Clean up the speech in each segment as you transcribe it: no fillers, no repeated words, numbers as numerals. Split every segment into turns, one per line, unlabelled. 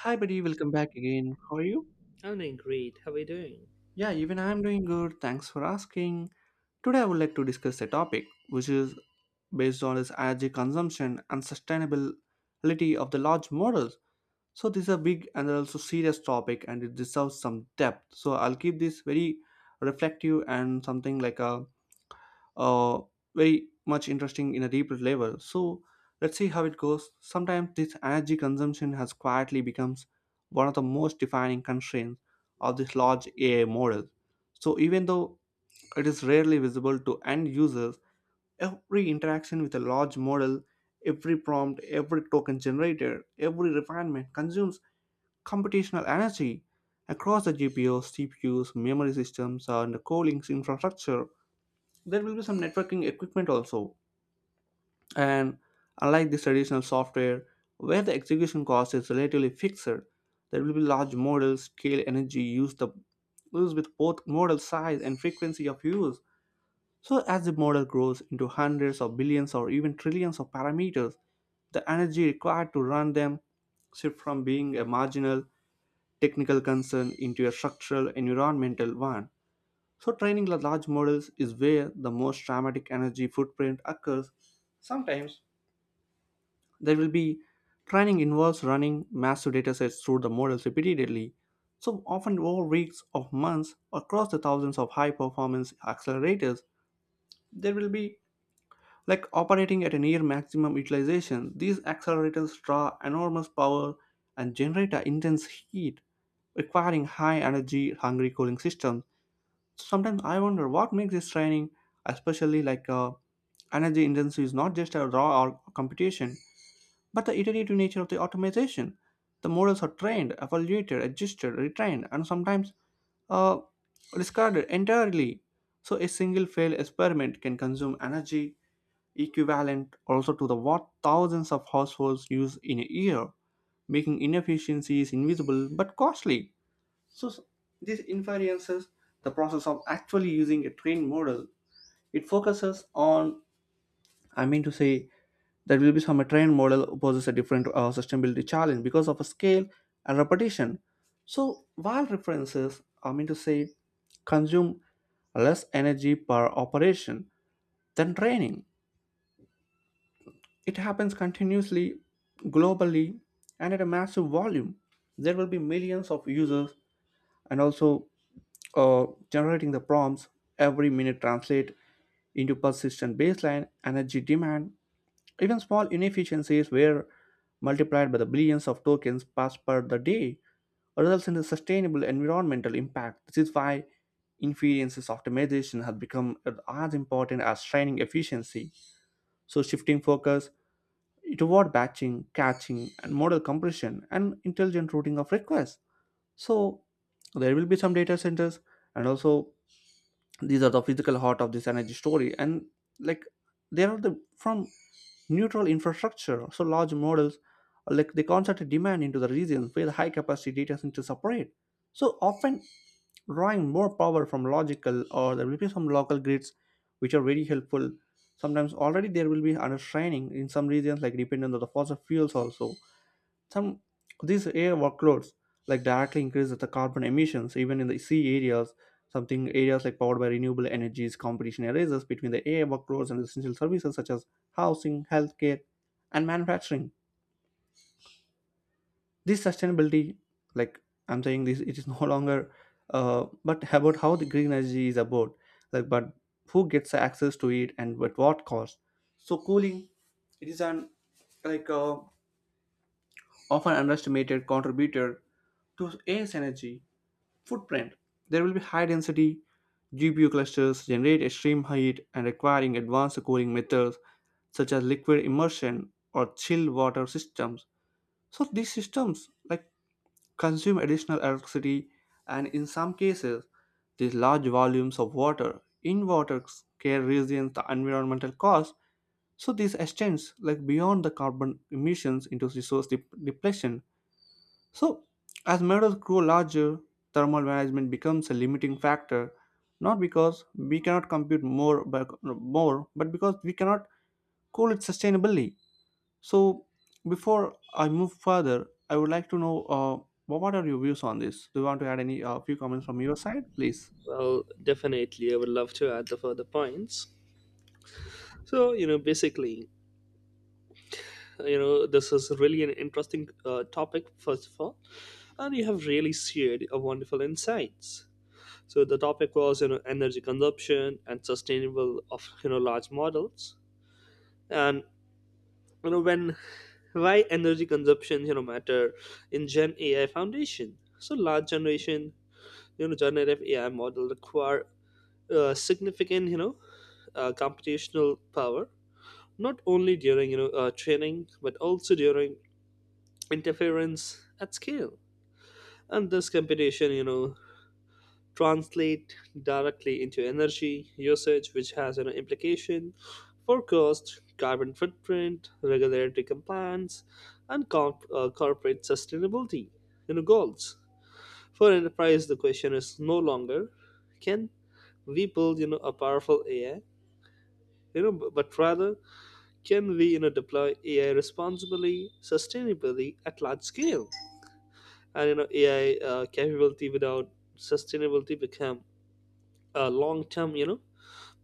Hi, buddy. Welcome back again. How are you?
I'm doing great. How are you doing?
Yeah, even I'm doing good. Thanks for asking. Today, I would like to discuss a topic which is based on its energy consumption and sustainability of the large models. So this is a big and also serious topic, and it deserves some depth. So I'll keep this very reflective and something like a uh, very much interesting in a deeper level. So let's see how it goes. Sometimes this energy consumption has quietly becomes one of the most defining constraints of this large AI model. So even though it is rarely visible to end users, every interaction with a large model, every prompt, every token generated, every refinement consumes computational energy across the GPUs, CPUs, memory systems, and the cooling infrastructure. There will be some networking equipment also, and unlike the traditional software where the execution cost is relatively fixed, there will be large models scale energy used, the used with both model size and frequency of use. So as the model grows into hundreds of billions or even trillions of parameters, the energy required to run them shift from being a marginal technical concern into a structural environmental one. So training large models is where the most dramatic energy footprint occurs. Sometimes there will be training involves running massive datasets through the models repeatedly, so often over weeks or months across the thousands of high performance accelerators. There will be like operating at a near maximum utilization. These accelerators draw enormous power and generate a intense heat, requiring high energy hungry cooling systems. Sometimes I wonder what makes this training especially like energy intensive is not just a raw or computation, but the iterative nature of the automation. The models are trained, evaluated, adjusted, retrained, and sometimes uh, discarded entirely. So a single failed experiment can consume energy equivalent also to the what thousands of households use in a year, making inefficiencies invisible but costly. So this inferences, the process of actually using a trained model. It focuses on, I mean to say, that will be some a trained model poses a different sustainability challenge because of a scale and repetition. So while references, I mean to say, consume less energy per operation than training. It happens continuously, globally, and at a massive volume. There will be millions of users and also generating the prompts every minute translate into persistent baseline energy demand. Even small inefficiencies were multiplied by the billions of tokens passed per the day, results in a sustainable environmental impact. This is why inference optimization has become as important as training efficiency. So shifting focus toward batching, catching, and model compression and intelligent routing of requests. So there will be some data centers, and also these are the physical heart of this energy story, and like they are the from neutral infrastructure. So large models, like they concentrate demand into the regions where the high capacity data centers operate, so often drawing more power from logical, or there will be some local grids which are very helpful. Sometimes already there will be understraining in some regions like dependent on the fossil fuels also. Some these air workloads like directly increase the carbon emissions even in the sea areas. Something areas like powered by renewable energies, competition arises between the air workloads and essential services such as housing, healthcare, and manufacturing. This sustainability, like I'm saying, this it is no longer, but about how the green energy is about, like but who gets access to it and at what cost. So cooling, it is an like often underestimated contributor to A's energy footprint. There will be high density GPU clusters, generate extreme heat, and requiring advanced cooling methods such as liquid immersion or chilled water systems. So these systems like consume additional electricity, and in some cases these large volumes of water in water scale regions the environmental cost. So this extends like beyond the carbon emissions into resource depletion. So as metals grow larger, thermal management becomes a limiting factor, not because we cannot compute more, but because we cannot cool it sustainably. So before I move further, I would like to know, what are your views on this? Do you want to add any few comments from your side, please?
Well, definitely, I would love to add the further points. So, you know, basically, you know, this is really an interesting topic, first of all, and you have really shared a wonderful insights. So, the topic was, you know, energy consumption and sustainable of, you know, large models. And, you know, when why energy consumption, you know, matter in Gen AI Foundation. So, large generation, you know, generative AI model require significant, you know, computational power, not only during you know training but also during interference at scale. And this computation, you know, translate directly into energy usage, which has you know implication for cost, carbon footprint, regulatory compliance, and corporate sustainability you know goals. For enterprise, the question is no longer can we build you know a powerful AI you know, but rather can we you know deploy AI responsibly, sustainably at large scale? And you know AI capability without sustainability become a long term you know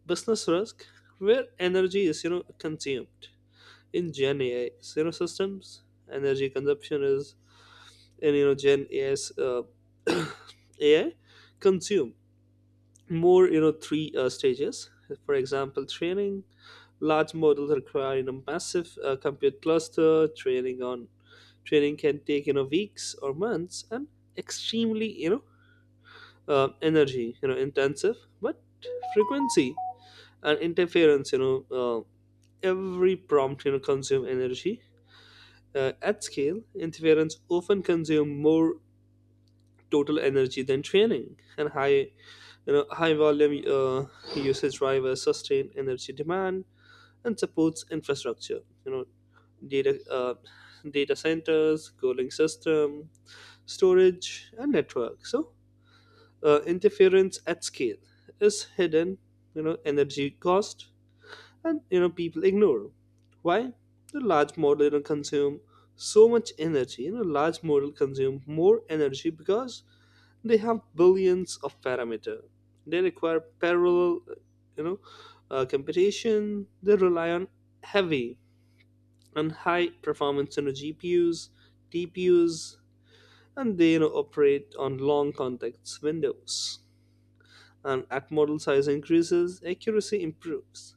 business risk where energy is you know consumed in Gen AI you know systems. Energy consumption is in you know Gen AI's AI consume more you know three stages. For example, training large models require you know massive compute cluster training on training can take you know weeks or months and extremely you know energy you know intensive but frequency and interference you know every prompt you know consume energy at scale interference often consume more total energy than training and high you know high volume usage drivers sustain energy demand and supports infrastructure you know data uh, data centers cooling system storage, and network. So interference at scale is hidden, you know, energy cost, and you know people ignore. Why? The large model you know, consume so much energy. You know, large model consume more energy because they have billions of parameter. They require parallel, you know, computation. They rely on heavy and high performance you know, GPUs, TPUs, and they you know, operate on long context windows. And at model size increases, accuracy improves,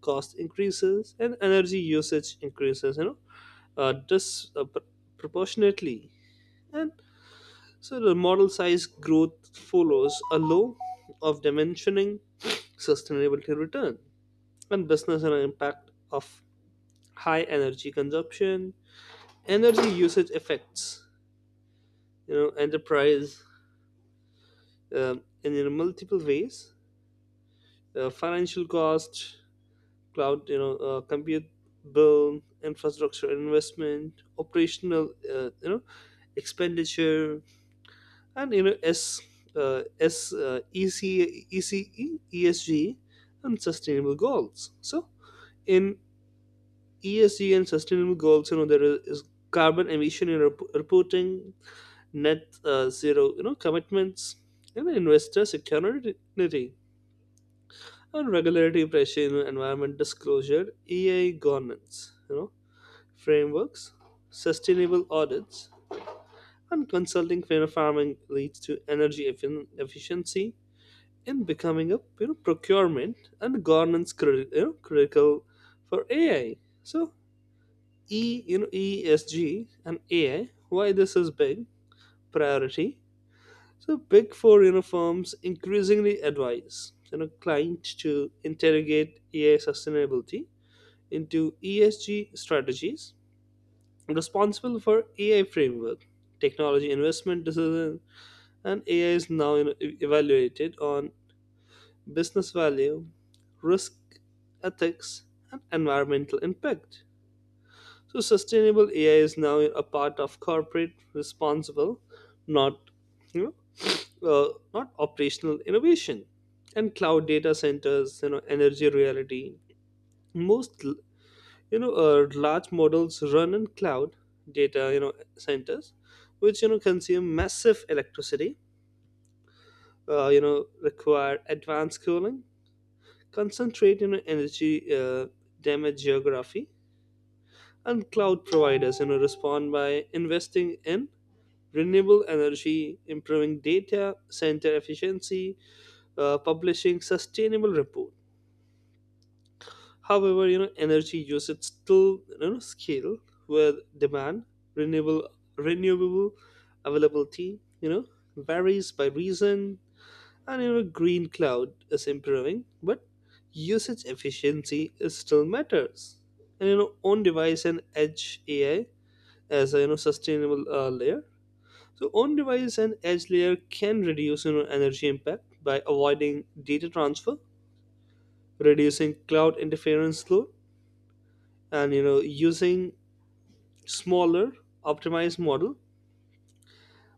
cost increases, and energy usage increases. You know, uh, dis- uh, proportionately, and so the model size growth follows a law of dimensioning sustainability return and business and impact of high energy consumption, energy usage affects you know, enterprise in you know, multiple ways financial cost, cloud, you know, compute bill, infrastructure investment, operational, you know, expenditure, and you know, S, EC, and sustainable goals. So in ESG and sustainable goals, you know, there is carbon emission in reporting, net zero, you know, commitments, and investor security. On regulatory pressure in environment disclosure, EI governance, you know, frameworks, sustainable audits, and consulting for farming leads to efficiency in becoming a you know, procurement and governance you know, critical for AI. So E you know ESG and AI, why this is big priority. So big four you know, firms increasingly advise you know clients to interrogate AI sustainability into ESG strategies, responsible for AI framework, technology investment decision, and AI is now evaluated on business value, risk, ethics, and environmental impact. So sustainable AI is now a part of corporate responsible, not you know, not operational innovation, and cloud data centers, you know, energy reality. Most you know large models run in cloud data you know centers which you know consume massive electricity you know require advanced cooling concentrate you know energy uh, damage geography and cloud providers you know respond by investing in renewable energy improving data center efficiency publishing sustainable report. However, you know, energy usage still you know scale with demand, renewable renewable availability, you know, varies by region and you know green cloud is improving, but usage efficiency is still matters. And you know, on device and edge AI as a you know sustainable layer. So on device and edge layer can reduce you know energy impact by avoiding data transfer, reducing cloud interference load and you know using smaller optimized model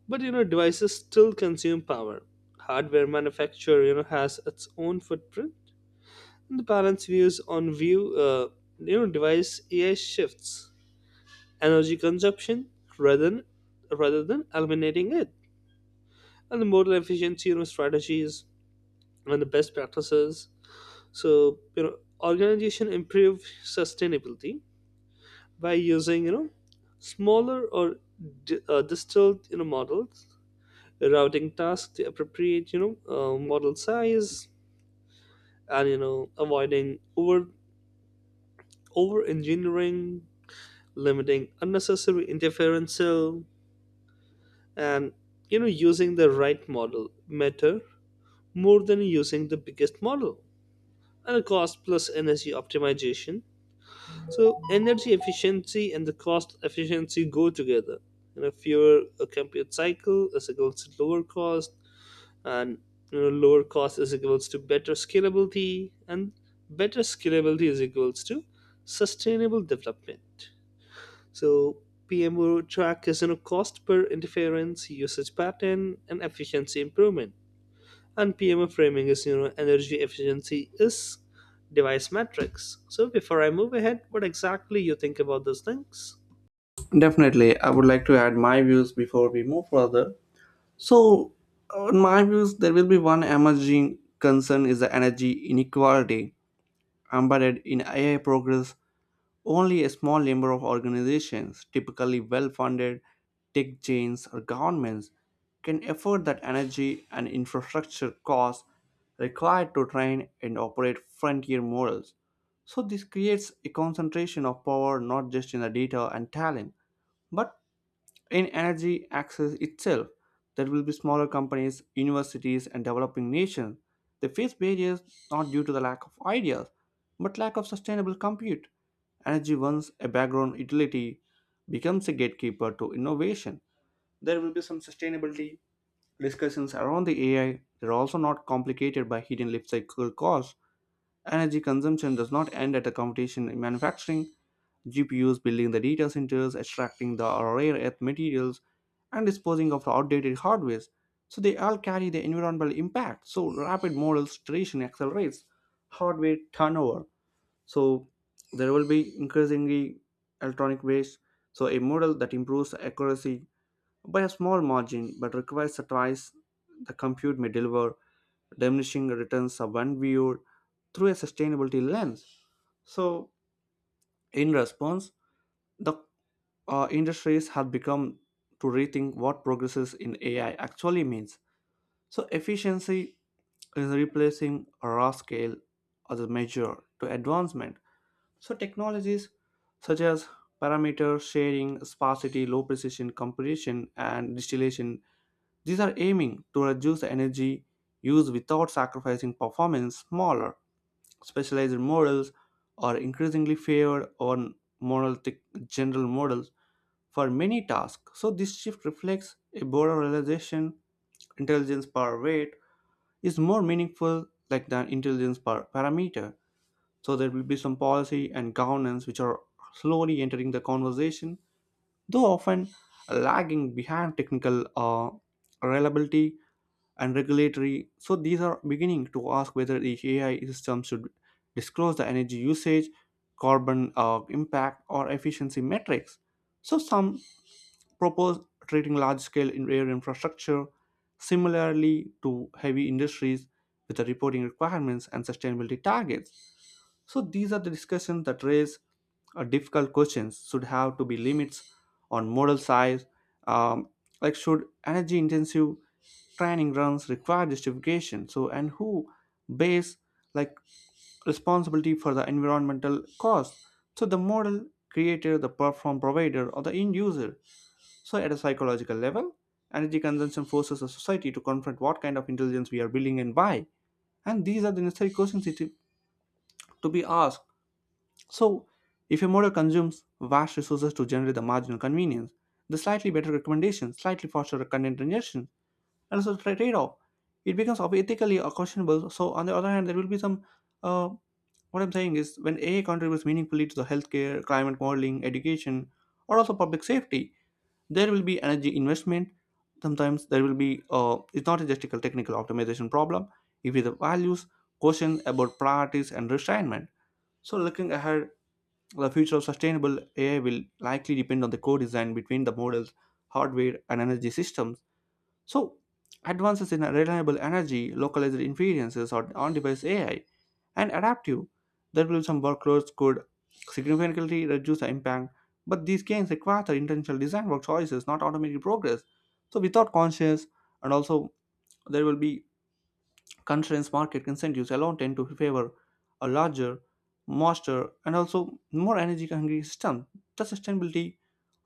but you know devices still consume power hardware manufacturer you know has its own footprint and the balance views on view uh, you know device ai shifts energy consumption rather than rather than eliminating it and the modal efficiency you know strategies and the best practices so you know organization improve sustainability by using you know smaller or distilled you know models routing tasks to appropriate you know model size and you know avoiding over over engineering limiting unnecessary interference and you know using the right model matter more than using the biggest model and cost plus energy optimization. So energy efficiency and the cost efficiency go together. You know, fewer a compute cycle is equals to lower cost, and you know, lower cost is equals to better scalability, and better scalability is equals to sustainable development. So PMO track is you know cost per interference, usage pattern, and efficiency improvement and PMF framing is you know energy efficiency is device metrics. So before I move ahead, what exactly you think about these things?
Definitely, I would like to add my views before we move further. So in my views, there will be one emerging concern is the energy inequality embedded in AI progress. Only a small number of organizations, typically well funded tech chains or governments, can afford that energy and infrastructure costs required to train and operate frontier models. So this creates a concentration of power not just in the data and talent, but in energy access itself. There will be smaller companies, universities, and developing nations. They face barriers not due to the lack of ideas, but lack of sustainable compute. Energy, once a background utility, becomes a gatekeeper to innovation. There will be some sustainability discussions around the AI. They're also not complicated by hidden life cycle costs. Energy consumption does not end at the computation in manufacturing. GPUs building the data centers, extracting the rare earth materials, and disposing of outdated hardware. So they all carry the environmental impact. So rapid models iteration accelerates hardware turnover. So there will be increasingly electronic waste. So a model that improves the accuracy by a small margin but requires twice the compute may deliver, diminishing returns are when viewed through a sustainability lens. So in response, the industries have become to rethink what progresses in AI actually means. So efficiency is replacing a raw scale as a measure to advancement. So technologies such as parameter sharing, sparsity, low precision computation, and distillation, these are aiming to reduce the energy use without sacrificing performance. Smaller specialized models are increasingly favored on monolithic general models for many tasks. So this shift reflects a broader realization intelligence per weight is more meaningful like than intelligence per parameter. So there will be some policy and governance which are slowly entering the conversation, though often lagging behind technical reliability and regulatory. So these are beginning to ask whether the AI system should disclose the energy usage, carbon impact, or efficiency metrics. So some propose treating large scale in air infrastructure similarly to heavy industries with the reporting requirements and sustainability targets. So these are the discussions that raise difficult questions. Should have to be limits on model size, um, like should energy intensive training runs require justification? So and who base like responsibility for the environmental cost? So the model creator, the platform provider, or the end user. So at a psychological level, energy consumption forces a society to confront what kind of intelligence we are building and why. And these are the necessary questions it is to be asked. So if a model consumes vast resources to generate the marginal convenience, the slightly better recommendations, slightly faster content ingestion, and also the trade off, it becomes of ethically questionable. So on the other hand, there will be some. Uh, what I'm saying is, when AI contributes meaningfully to the healthcare, climate modeling, education, or also public safety, there will be energy investment. Sometimes there will be it's not just a technical optimization problem. It is the values questions about priorities and restrainment. So looking ahead, the future of sustainable AI will likely depend on the co-design between the models, hardware, and energy systems. So advances in reliable energy, localized inferences or on-device AI, and adaptive, there will some workloads could significantly reduce the impact, but these gains require the intentional design work choices, not automated progress. So without conscious, and also there will be constraints, market incentives alone tend to favor a larger, faster, and also more energy-hungry system. The sustainability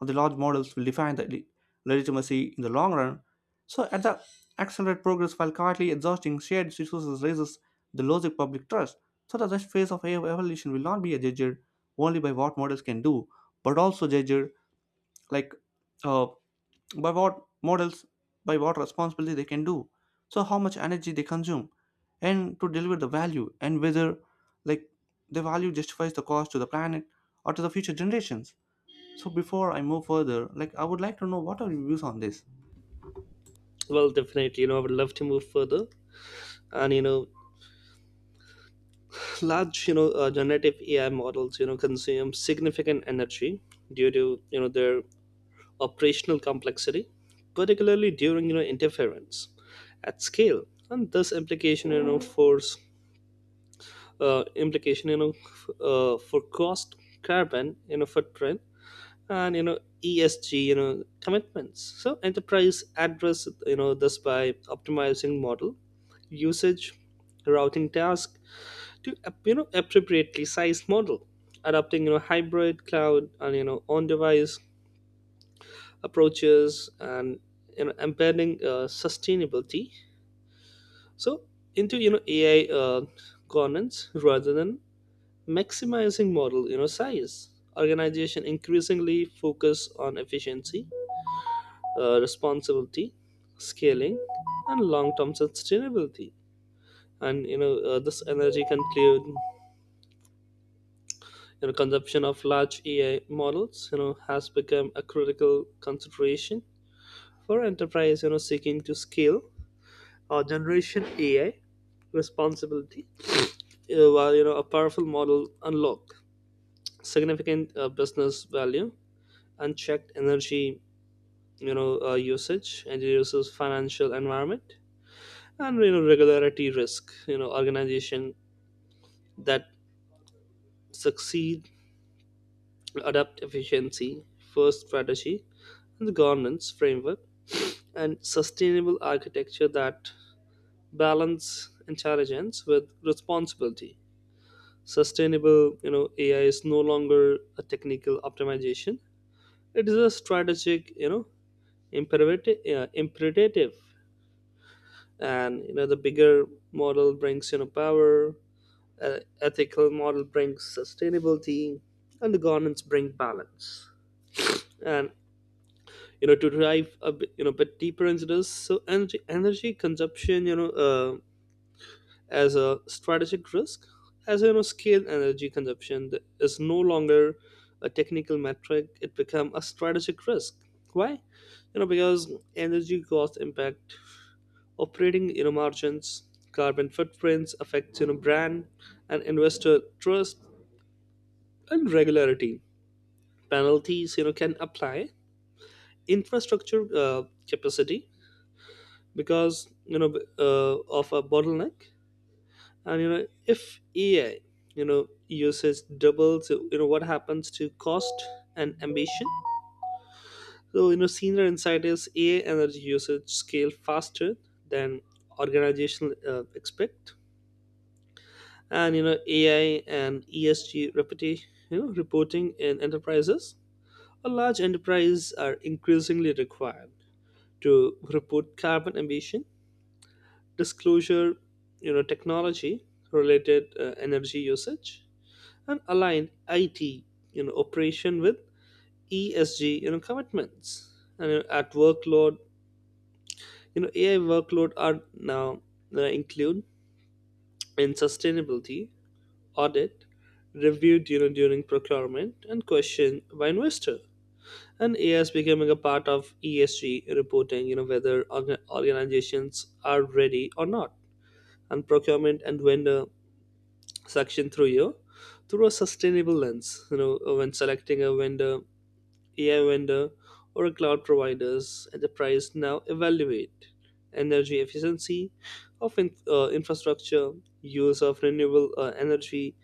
of the large models will define the legitimacy in the long run. So at the accelerate progress while quietly exhausting shared resources raises the logic public trust. So that this phase of AI evolution will not be judged only by what models can do, but also judged like uh, by what models by what responsibility they can do, so how much energy they consume and to deliver the value, and whether like the value justifies the cost to the planet or to the future generations. So before I move further, like I would like to know what are your views on this.
Well, definitely, you know I would love to move further, and you know large you know generative AI models you know consume significant energy due to you know their operational complexity, particularly during you know interference at scale, and this implication you know force implication you know f- for cost carbon you know footprint and you know ESG you know commitments. So enterprise address you know this by optimizing model usage, routing task to you know appropriately sized model, adopting you know hybrid cloud and you know on device approaches and you know embedding sustainability. So into you know AI governance rather than maximizing model you know size. Organization increasingly focus on efficiency responsibility, scaling, and long-term sustainability. And you know this energy conclude you know consumption of large AI models you know has become a critical consideration for enterprise you know seeking to scale or generation AI responsibility while you know a powerful model unlock significant business value unchecked energy you know usage and reduces financial environment and you know regularity risk you know organization that succeed adapt efficiency first strategy and the governance framework and sustainable architecture that balance intelligence with responsibility sustainable you know ai is no longer a technical optimization it is a strategic you know imperative and you know the bigger model brings you know power ethical model brings sustainability and the governance bring balance and you know to dive a bit, you know bit deeper into this so energy consumption you know as a strategic risk as you know scale energy consumption is no longer a technical metric it become a strategic risk why you know because energy cost impact operating you know margins carbon footprints affects you know brand and investor trust and regularity penalties you know can apply infrastructure capacity because you know uh, of a bottleneck and you know if ai you know usage doubles you know what happens to cost and ambition so you know senior insight is ai energy usage scale faster than organizational expect and you know ai and esg reputation you know reporting in enterprises. Large enterprises are increasingly required to report carbon emission, disclosure, you know, technology related energy usage, and align IT, you know, operation with ESG, you know, commitments. And at workload, you know, AI workload are now include in sustainability audit, reviewed, you know, during procurement, and questioned by investor. And AI is becoming a part of ESG reporting, you know, whether organizations are ready or not, and procurement and vendor section through you through a sustainable lens, you know, when selecting a vendor, AI vendor or a cloud providers, enterprise now evaluate energy efficiency of infrastructure, use of renewable energy,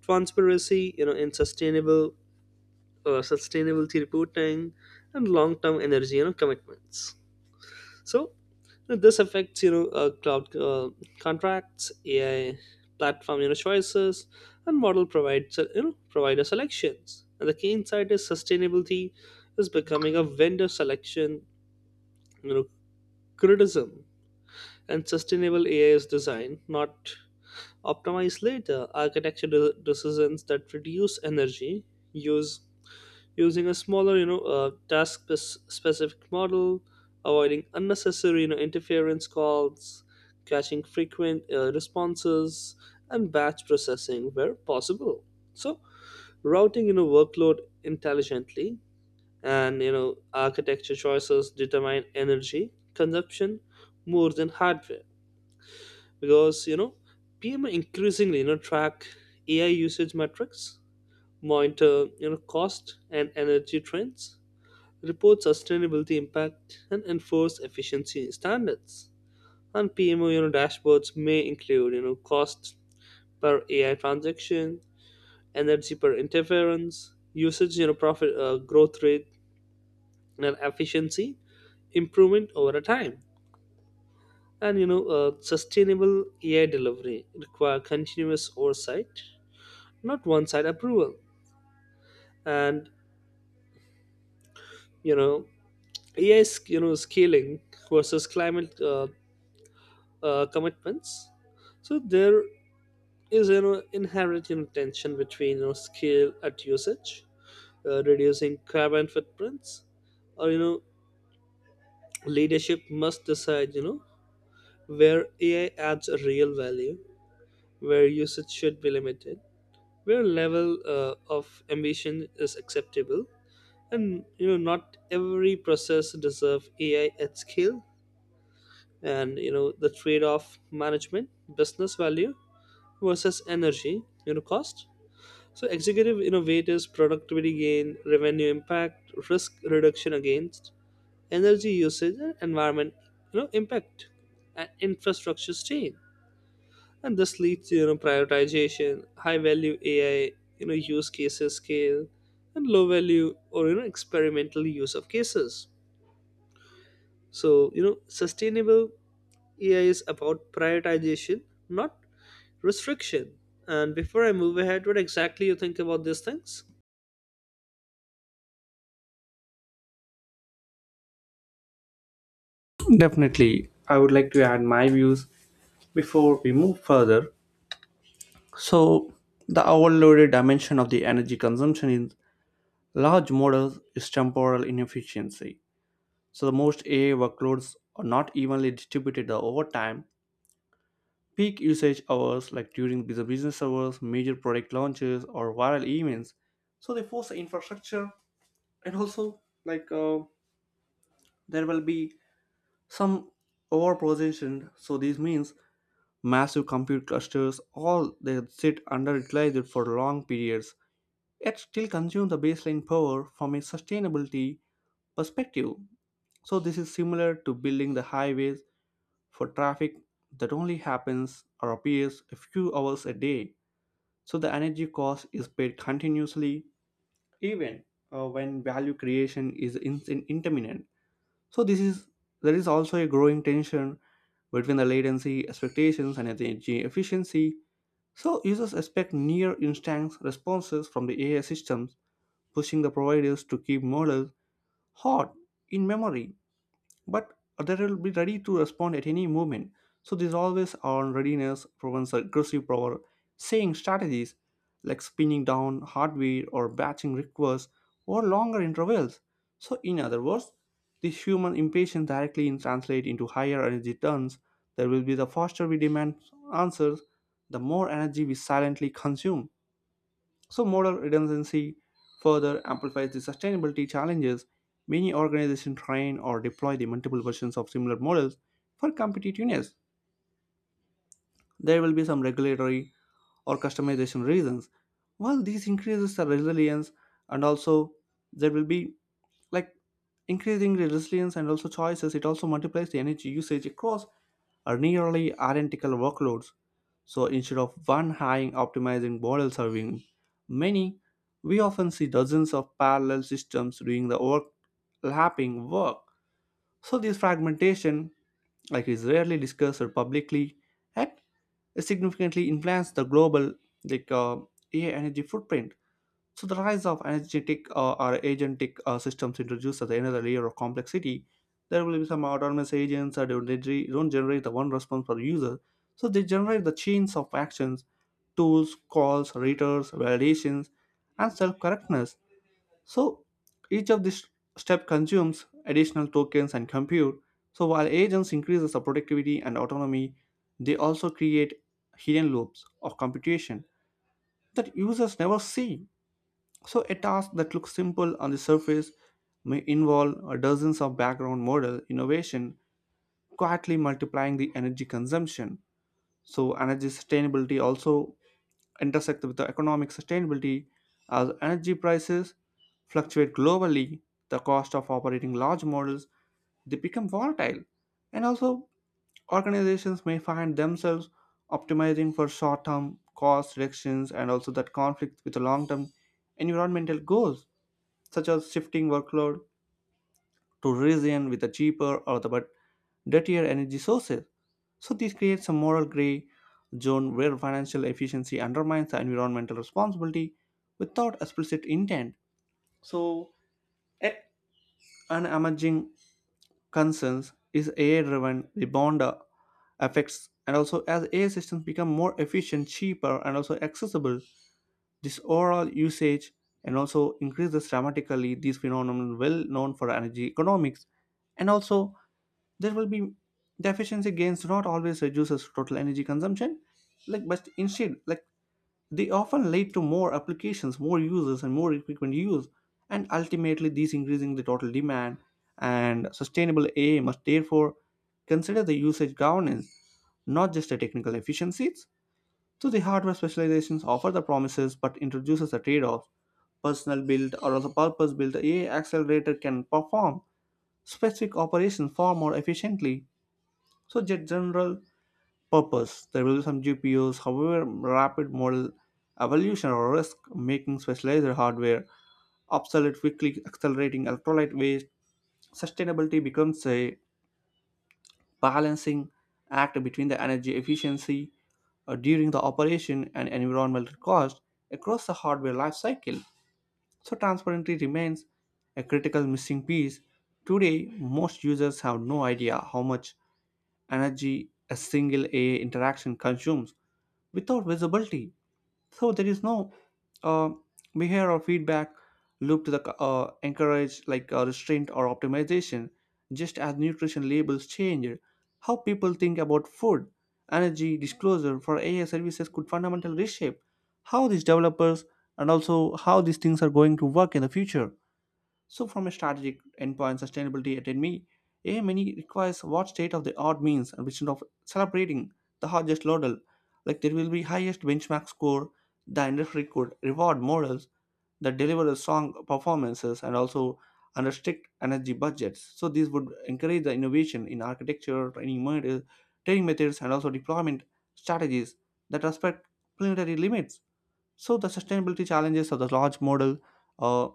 transparency, you know, in sustainable sustainability reporting, and long-term energy you know commitments. So you know, this affects you know cloud contracts, AI platform you know choices, and model provides you know provider selections. And the key insight is sustainability is becoming a vendor selection you know criticism, and sustainable AI is designed not optimized later architecture decisions that reduce energy use using a smaller, you know, task specific model, avoiding unnecessary, you know, interference calls, caching frequent responses, and batch processing where possible. So, routing, you know, workload intelligently and, you know, architecture choices determine energy consumption more than hardware because, you know, PMI increasingly, you know, track AI usage metrics, monitor, you know, cost and energy trends report sustainability impact and enforce efficiency standards. And PMO, you know, dashboards may include, you know, cost per AI transaction, energy per interference, usage, you know, profit growth rate, and efficiency improvement over a time. And you know, sustainable AI delivery require continuous oversight, not one-side approval. And you know, AI, 's, you know, scaling versus climate commitments. So there is an inherent you know, tension between you know, scale at usage, reducing carbon footprints, or you know leadership must decide you know where AI adds a real value, where usage should be limited, where level of ambition is acceptable, and you know not every process deserves AI at scale. And you know the trade-off management, business value versus energy you know cost. So executive innovators productivity gain, revenue impact, risk reduction against energy usage, and environment you know impact, and infrastructure strain. And this leads to you know prioritization, high value AI you know use cases scale, and low value or you know experimental use of cases. So you know sustainable AI is about prioritization, not restriction. And before I move ahead, what exactly you think about these things?
Definitely, I would like to add my views before we move further. So the overloaded dimension of the energy consumption in large models is temporal inefficiency. So the most AI workloads are not evenly distributed over time. Peak usage hours, like during the business hours, major product launches, or viral events, so they force the infrastructure, and also like there will be some overprocessing. So this means massive compute clusters, all they sit underutilized for long periods, yet still consume the baseline power from a sustainability perspective. So this is similar to building the highways for traffic that only happens or appears a few hours a day. So the energy cost is paid continuously, even when value creation is intermittent. So this is There is also a growing tension between the latency expectations and energy efficiency. So users expect near instant responses from the AI systems, pushing the providers to keep models hot in memory, but they will be ready to respond at any moment. So this always on readiness prevents aggressive power saying strategies like spinning down hardware or batching requests or longer intervals. So in other words, this human impatience directly in translate into higher energy turns. There will be the faster we demand answers, the more energy we silently consume. So, modal redundancy further amplifies the sustainability challenges. Many organizations train or deploy the multiple versions of similar models for competitiveness. There will be some regulatory or customization reasons. While this increases the resilience and also there will be like increasing the resilience and also choices, it also multiplies the energy usage across a nearly identical workloads. So instead of one high optimizing model serving many, we often see dozens of parallel systems doing the overlapping work. So this fragmentation, like, is rarely discussed or publicly, yet significantly influence the global like uh, AI energy footprint. So the rise of agentic or agentic systems introduces another layer of complexity. There will be some autonomous agents that don't generate the one response per user, so they generate the chains of actions, tools, calls, readers, validations, and self-correctness. So each of these step consumes additional tokens and compute. So while agents increases the productivity and autonomy, they also create hidden loops of computation that users never see. So, a task that looks simple on the surface may involve dozens of background model innovation, quietly multiplying the energy consumption. So, energy sustainability also intersects with the economic sustainability. As energy prices fluctuate globally, the cost of operating large models they become volatile, and also organizations may find themselves optimizing for short-term cost reductions and also that conflict with the long-term environmental goals, such as shifting workload to region with a cheaper or the but dirtier energy sources. So this creates a moral gray zone where financial efficiency undermines the environmental responsibility without explicit intent. So, a- an emerging concerns is AI-driven rebound effects, and also as AI systems become more efficient, cheaper, and also accessible, this overall usage and also increases dramatically. These phenomena well known for energy economics, and also there will be the efficiency gains do not always reduces total energy consumption, like, but instead, like, they often lead to more applications, more uses, and more frequent use, and ultimately these increasing the total demand. And sustainable AI must therefore consider the usage governance, not just the technical efficiencies. So the hardware specializations offer the promises but introduces the trade-offs. Personal build or the purpose built AI accelerator can perform specific operations far more efficiently. So jet general purpose. There will be some GPUs, however rapid model evolution or risk making specialized hardware obsolete, quickly accelerating electrolyte waste. Sustainability becomes a balancing act between the energy efficiency during the operation and environmental cost across the hardware life cycle. So transparency remains a critical missing piece. Today, most users have no idea how much energy a single AI interaction consumes without visibility. So there is no uh, behavior or feedback loop to the encourage restraint or optimization. Just as nutrition labels change how people think about food, energy, disclosure for AI services could fundamentally reshape how these developers and also how these things are going to work in the future. So, from a strategic endpoint sustainability at me, a MNE requires what state of the art means, and instead of celebrating the highest laudel, like there will be highest benchmark score, the industry could reward models that deliver a strong performances and also under strict energy budgets. So this would encourage the innovation in architecture, training models, training methods, and also deployment strategies that respect planetary limits. So the sustainability challenges of the large model, uh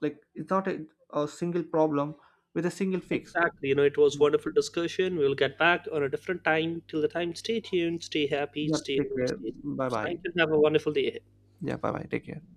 it's not a, a single problem with a single fix.
Exactly. You know, it was
Yeah,
wonderful discussion. We'll get back on a different time. Till the time, stay tuned, stay happy,
yeah,
stay
take
home,
care,
stay
bye
safe.
bye.
Thank you. Have a wonderful day ahead.
Yeah, bye bye, take care.